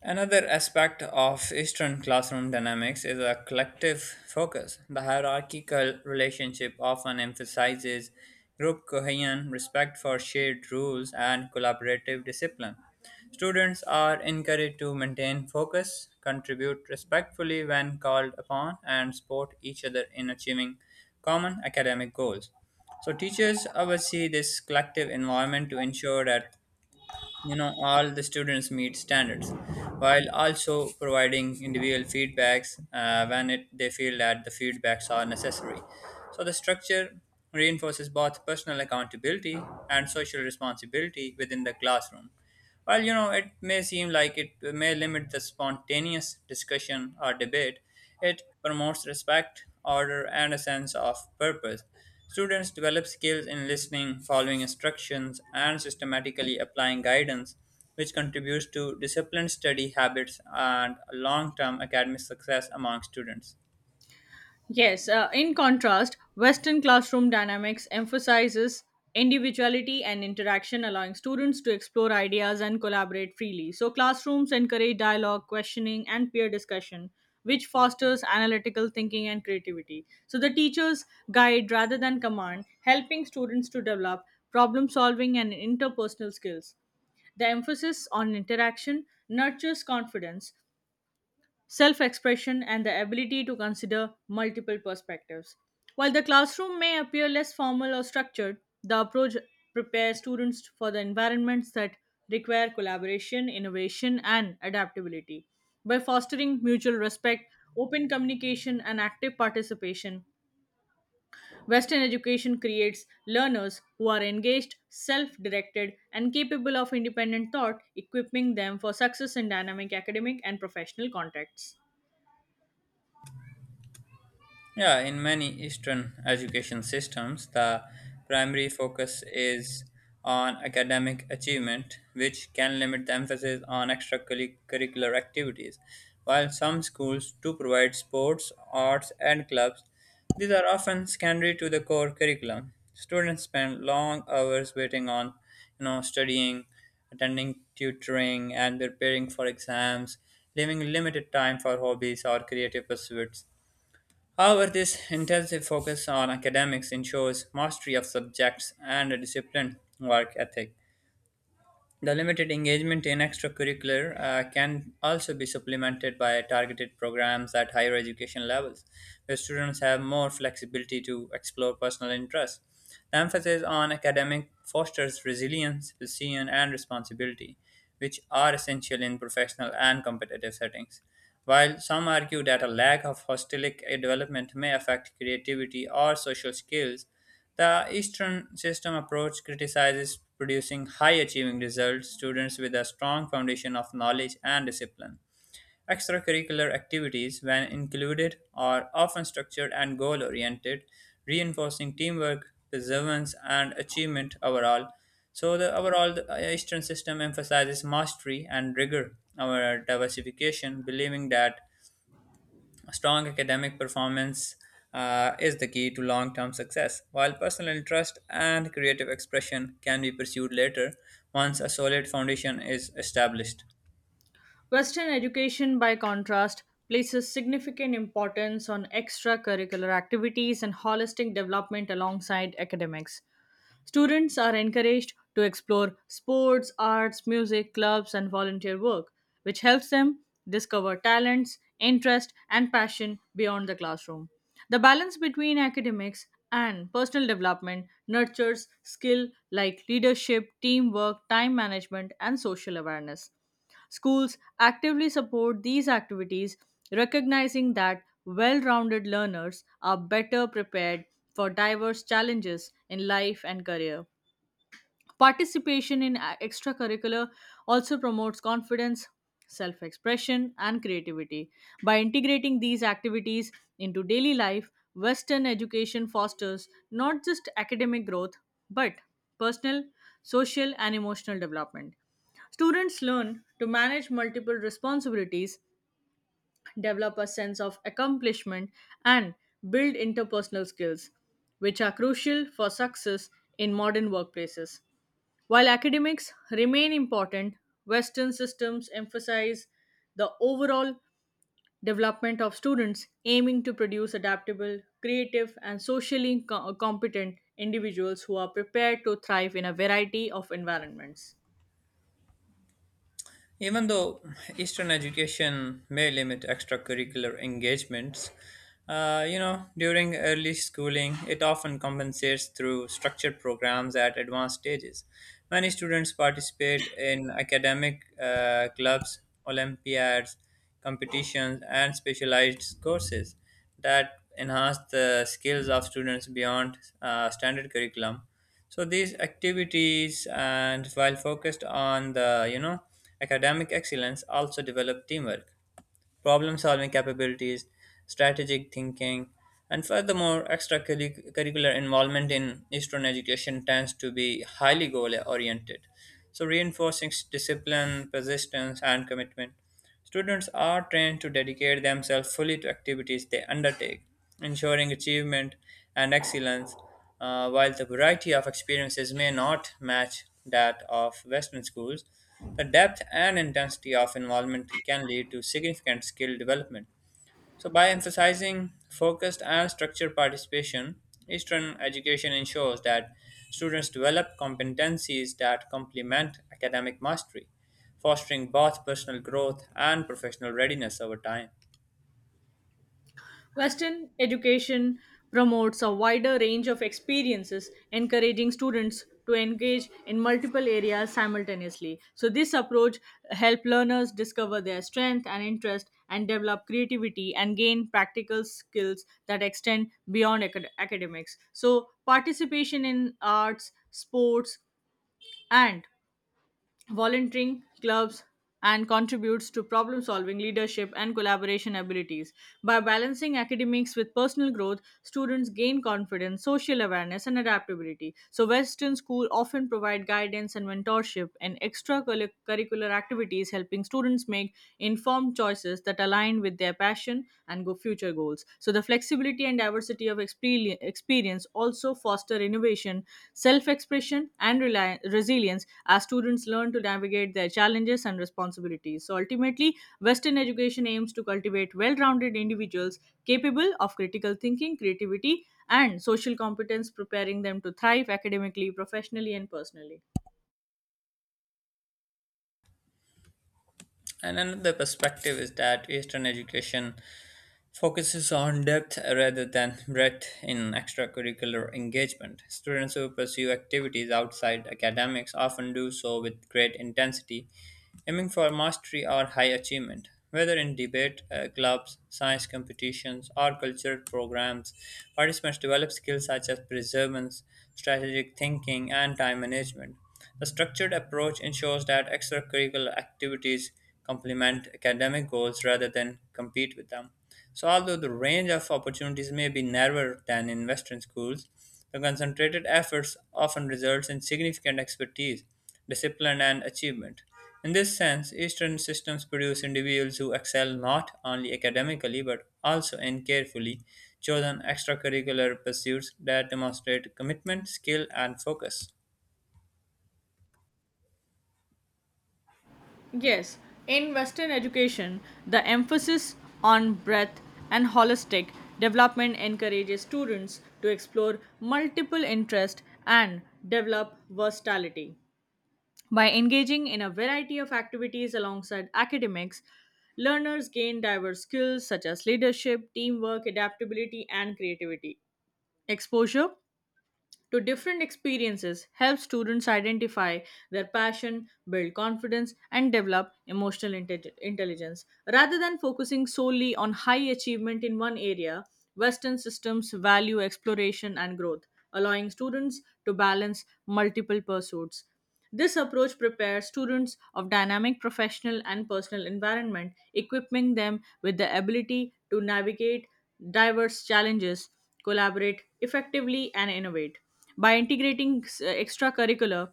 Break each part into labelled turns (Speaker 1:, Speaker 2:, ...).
Speaker 1: Another aspect of Eastern classroom dynamics is a collective focus. The hierarchical relationship often emphasizes group cohesion, respect for shared rules, and collaborative discipline. Students are encouraged to maintain focus, contribute respectfully when called upon, and support each other in achieving common academic goals. So, teachers oversee this collective environment to ensure that all the students meet standards, while also providing individual feedbacks when they feel that the feedbacks are necessary. So the structure reinforces both personal accountability and social responsibility within the classroom. While it may seem like it may limit the spontaneous discussion or debate, it promotes respect, order, and a sense of purpose. Students develop skills in listening, following instructions, and systematically applying guidance, which contributes to disciplined study habits and long term academic success among students.
Speaker 2: Yes, in contrast, Western classroom dynamics emphasizes individuality and interaction, allowing students to explore ideas and collaborate freely. So, classrooms encourage dialogue, questioning, and peer discussion, which fosters analytical thinking and creativity. So, the teachers guide rather than command, helping students to develop problem solving and interpersonal skills. The emphasis on interaction nurtures confidence, self expression, and the ability to consider multiple perspectives. While the classroom may appear less formal or structured, the approach prepares students for the environments that require collaboration, innovation, and adaptability. By fostering mutual respect, open communication, and active participation, Western education creates learners who are engaged, self directed, and capable of independent thought, equipping them for success in dynamic academic and professional contexts.
Speaker 1: Yeah, in many Eastern education systems, the primary focus is on academic achievement, which can limit the emphasis on extracurricular activities. While some schools do provide sports, arts, and clubs, these are often secondary to the core curriculum. Students spend long hours waiting on, studying, attending tutoring, and preparing for exams, leaving limited time for hobbies or creative pursuits. However, this intensive focus on academics ensures mastery of subjects and a disciplined work ethic. The limited engagement in extracurricular can also be supplemented by targeted programs at higher education levels, where students have more flexibility to explore personal interests. The emphasis on academic fosters resilience, precision, and responsibility, which are essential in professional and competitive settings. While some argue that a lack of hostilic development may affect creativity or social skills, the Eastern System approach criticizes producing high achieving results students with a strong foundation of knowledge and discipline. Extracurricular activities, when included, are often structured and goal oriented, reinforcing teamwork, perseverance, and achievement overall. So, the overall the Eastern system emphasizes mastery and rigor over diversification, believing that strong academic performance is the key to long term success, while personal interest and creative expression can be pursued later once a solid foundation is established.
Speaker 2: Western education, by contrast, places significant importance on extracurricular activities and holistic development alongside academics. Students are encouraged to explore sports, arts, music, clubs, and volunteer work, which helps them discover talents, interest, and passion beyond the classroom. The balance between academics and personal development nurtures skill like leadership, teamwork, time management, and social awareness. Schools actively support these activities, recognizing that well rounded learners are better prepared for diverse challenges in life and career. Participation in extracurricular also promotes confidence, self expression, and creativity. By integrating these activities into daily life, Western education fosters not just academic growth but personal, social, and emotional development. Students learn to manage multiple responsibilities, develop a sense of accomplishment, and build interpersonal skills, which are crucial for success in modern workplaces. While academics remain important, Western systems emphasize the overall development of students, aiming to produce adaptable, creative, and socially competent individuals who are prepared to thrive in a variety of environments.
Speaker 1: Even though Eastern education may limit extracurricular engagements, during early schooling, it often compensates through structured programs at advanced stages. Many students participate in academic clubs, Olympiads, competitions, and specialized courses that enhance the skills of students beyond standard curriculum. So these activities, and while focused on the academic excellence, also develop teamwork, problem-solving capabilities, strategic thinking, and furthermore, extracurricular involvement in Eastern education tends to be highly goal-oriented. So reinforcing discipline, persistence, and commitment. Students are trained to dedicate themselves fully to activities they undertake, ensuring achievement and excellence. While the variety of experiences may not match that of Western schools, the depth and intensity of involvement can lead to significant skill development. So, by emphasizing focused and structured participation, Eastern education ensures that students develop competencies that complement academic mastery, fostering both personal growth and professional readiness over time.
Speaker 2: Western education promotes a wider range of experiences, encouraging students to engage in multiple areas simultaneously. So, this approach helps learners discover their strength and interest and develop creativity and gain practical skills that extend beyond academics. So, participation in arts, sports, and volunteering clubs and contributes to problem solving, leadership, and collaboration abilities. By balancing academics with personal growth, students gain confidence, social awareness, and adaptability. So, western school often provide guidance and mentorship and extracurricular activities, helping students make informed choices that align with their passion and go future goals. So, the flexibility and diversity of experience also foster innovation, self expression, and resilience as students learn to navigate their challenges and responsibilities. So, ultimately, Western education aims to cultivate well rounded individuals capable of critical thinking, creativity, and social competence, preparing them to thrive academically, professionally, and personally.
Speaker 1: And another perspective is that Eastern education focuses on depth rather than breadth in extracurricular engagement. Students who pursue activities outside academics often do so with great intensity, aiming for mastery or high achievement. Whether in debate clubs, science competitions, or cultural programs, participants develop skills such as perseverance, strategic thinking, and time management. The structured approach ensures that extracurricular activities complement academic goals rather than compete with them. So, although the range of opportunities may be narrower than in Western schools, the concentrated efforts often results in significant expertise, discipline, and achievement. In this sense, Eastern systems produce individuals who excel not only academically but also in carefully chosen extracurricular pursuits that demonstrate commitment, skill, and focus.
Speaker 2: Yes, in Western education, the emphasis on breadth and holistic development encourages students to explore multiple interests and develop versatility. By engaging in a variety of activities alongside academics, learners gain diverse skills such as leadership, teamwork, adaptability, and creativity. Exposure to different experiences help students identify their passion, build confidence, and develop emotional intelligence. Rather than focusing solely on high achievement in one area, Western systems value exploration and growth, allowing students to balance multiple pursuits. This approach prepares students of dynamic professional and personal environment, equipping them with the ability to navigate diverse challenges, collaborate effectively, and innovate. By integrating extracurricular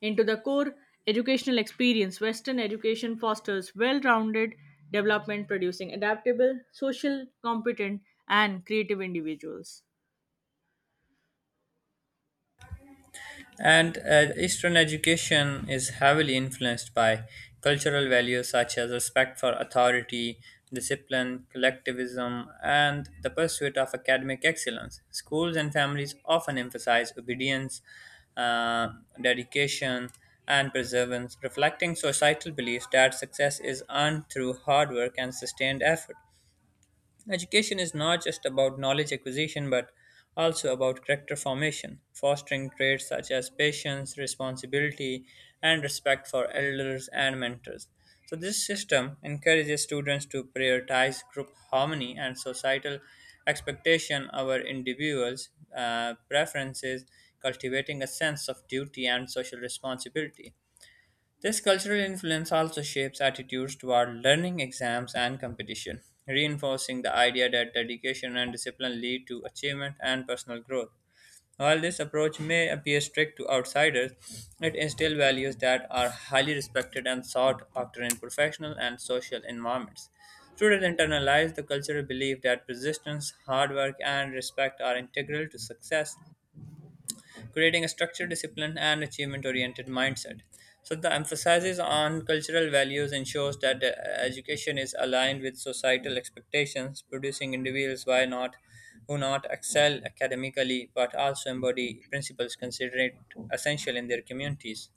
Speaker 2: into the core educational experience, Western education fosters well rounded development, producing adaptable, social, competent, and creative individuals.
Speaker 1: And Eastern education is heavily influenced by cultural values such as respect for authority, discipline, collectivism, and the pursuit of academic excellence. Schools and families often emphasize obedience, uh, dedication, and perseverance, reflecting societal beliefs that success is earned through hard work and sustained effort. Education is not just about knowledge acquisition but also about character formation, fostering traits such as patience, responsibility, and respect for elders and mentors. So, this system encourages students to prioritize group harmony and societal expectation over individuals' preferences, cultivating a sense of duty and social responsibility. This cultural influence also shapes attitudes toward learning, exams, and competition, reinforcing the idea that dedication and discipline lead to achievement and personal growth. While this approach may appear strict to outsiders, it instills values that are highly respected and sought after in professional and social environments. Students internalize the cultural belief that persistence, hard work, and respect are integral to success, creating a structured, discipline, and achievement oriented mindset. So, the emphasis on cultural values ensures that education is aligned with societal expectations, producing individuals why not, who not excel academically but also embody principles considered essential in their communities.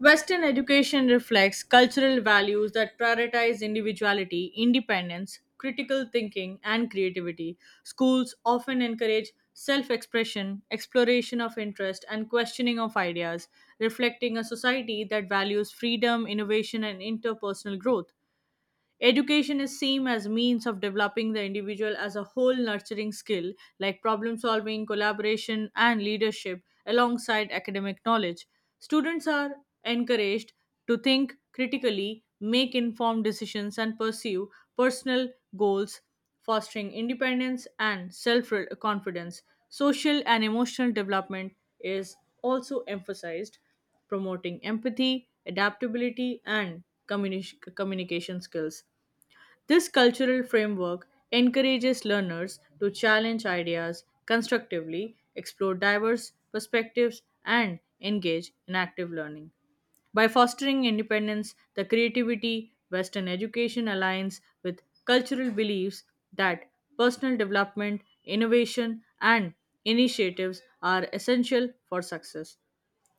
Speaker 2: Western education reflects cultural values that prioritize individuality, independence, critical thinking, and creativity. Schools often encourage self expression, exploration of interest, and questioning of ideas, reflecting a society that values freedom, innovation, and interpersonal growth. Education is seen as means of developing the individual as a whole, nurturing skill like problem solving, collaboration, and leadership alongside academic knowledge. Students are encouraged to think critically, make informed decisions, and pursue personal goals, fostering independence and self-confidence. Social and emotional development is also emphasized, promoting empathy, adaptability, and communication skills. This cultural framework encourages learners to challenge ideas constructively, explore diverse perspectives, and engage in active learning. By fostering independence, the creativity, Western education aligns with cultural beliefs that personal development, innovation, and initiatives are essential for success.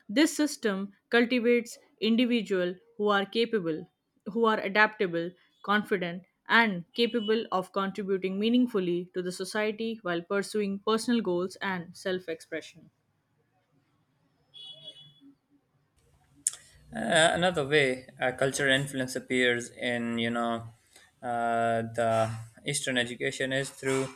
Speaker 2: This system cultivates individuals who are capable, who are adaptable, confident, and capable of contributing meaningfully to the society while pursuing personal goals and self expression.
Speaker 1: Another way cultural influence appears in the Eastern education is through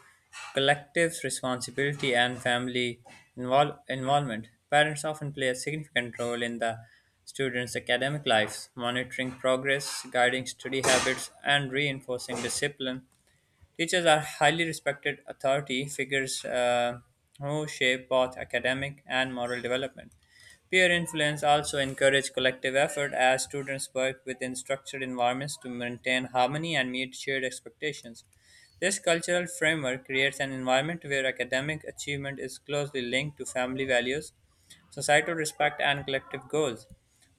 Speaker 1: collective responsibility and family involvement. Parents often play a significant role in the students' academic lives, monitoring progress, guiding study habits, and reinforcing discipline. Teachers are highly respected authority figures who shape both academic and moral development. Peer influence also encourages collective effort as students work within structured environments to maintain harmony and meet shared expectations. This cultural framework creates an environment where academic achievement is closely linked to family values, societal respect, and collective goals.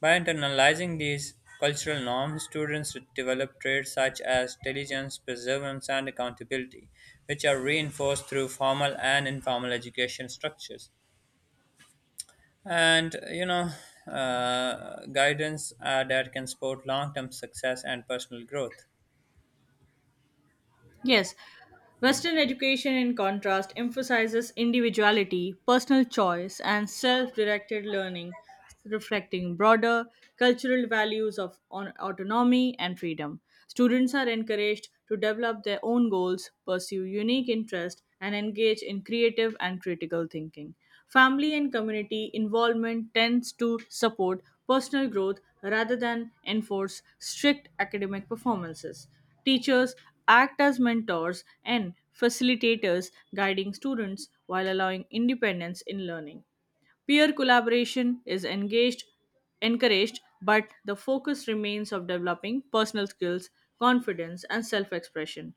Speaker 1: By internalizing these cultural norms, students develop traits such as diligence, perseverance, and accountability, which are reinforced through formal and informal education structures. And you know, guidance that can support long term success and personal growth.
Speaker 2: Yes, Western education, in contrast, emphasizes individuality, personal choice, and self directed learning, reflecting broader cultural values of autonomy and freedom. Students are encouraged to develop their own goals, pursue unique interests, and engage in creative and critical thinking. Family and community involvement tends to support personal growth rather than enforce strict academic performances. Teachers act as mentors and facilitators, guiding students while allowing independence in learning. Peer collaboration is engaged, encouraged, but the focus remains of developing personal skills, confidence, and self-expression.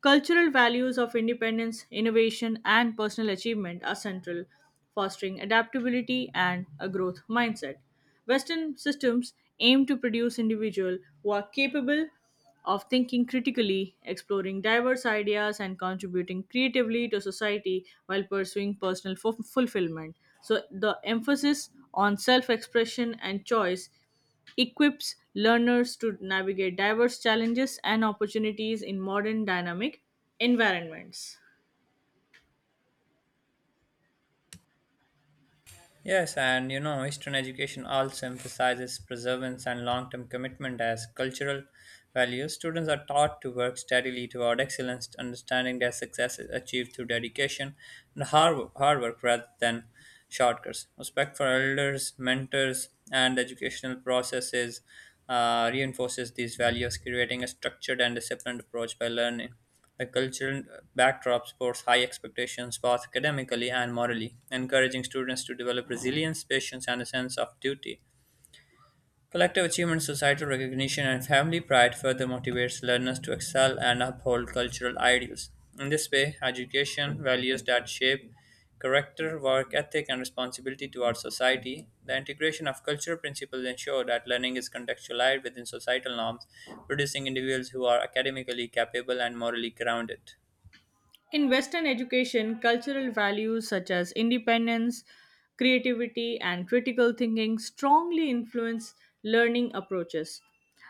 Speaker 2: Cultural values of independence, innovation, and personal achievement are central, fostering adaptability and a growth mindset. Western systems aim to produce individuals who are capable of thinking critically, exploring diverse ideas, and contributing creatively to society while pursuing personal fulfillment. So, the emphasis on self expression and choice equips learners to navigate diverse challenges and opportunities in modern dynamic environments.
Speaker 1: Yes, and Eastern education also emphasizes perseverance and long term commitment as cultural values. Students are taught to work steadily toward excellence, understanding their success is achieved through dedication and hard work rather than shortcuts. Respect for elders, mentors, and educational processes reinforces these values, creating a structured and disciplined approach by learning. The cultural backdrop supports high expectations both academically and morally, encouraging students to develop resilience, patience, and a sense of duty. Collective achievement, societal recognition, and family pride further motivates learners to excel and uphold cultural ideals. In this way, education values that shape character, work ethic, and responsibility towards society. The integration of cultural principles ensure that learning is contextualized within societal norms, producing individuals who are academically capable and morally grounded.
Speaker 2: In Western education, cultural values such as independence, creativity, and critical thinking strongly influence learning approaches.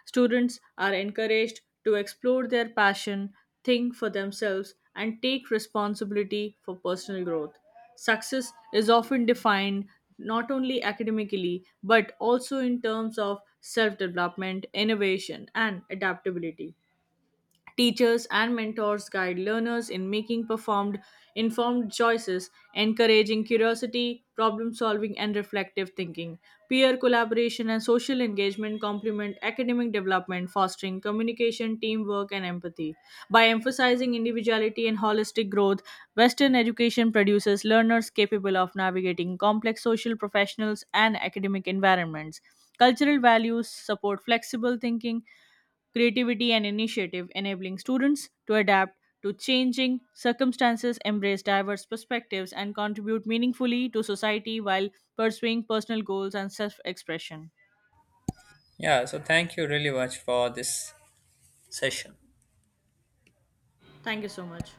Speaker 2: Students are encouraged to explore their passion, think for themselves, and take responsibility for personal growth. Success is often defined not only academically but also in terms of self development, innovation, and adaptability. Teachers and mentors guide learners in making performed informed choices, encouraging curiosity, problem solving, and reflective thinking. Peer collaboration and social engagement complement academic development, fostering communication, teamwork, and empathy. By emphasizing individuality and holistic growth, Western education produces learners capable of navigating complex social, professionals, and academic environments. Cultural values support flexible thinking, creativity, and initiative, enabling students to adapt to changing circumstances, embrace diverse perspectives, and contribute meaningfully to society while pursuing personal goals and self expression.
Speaker 1: Yeah, so thank you really much for this session.
Speaker 2: Thank you so much.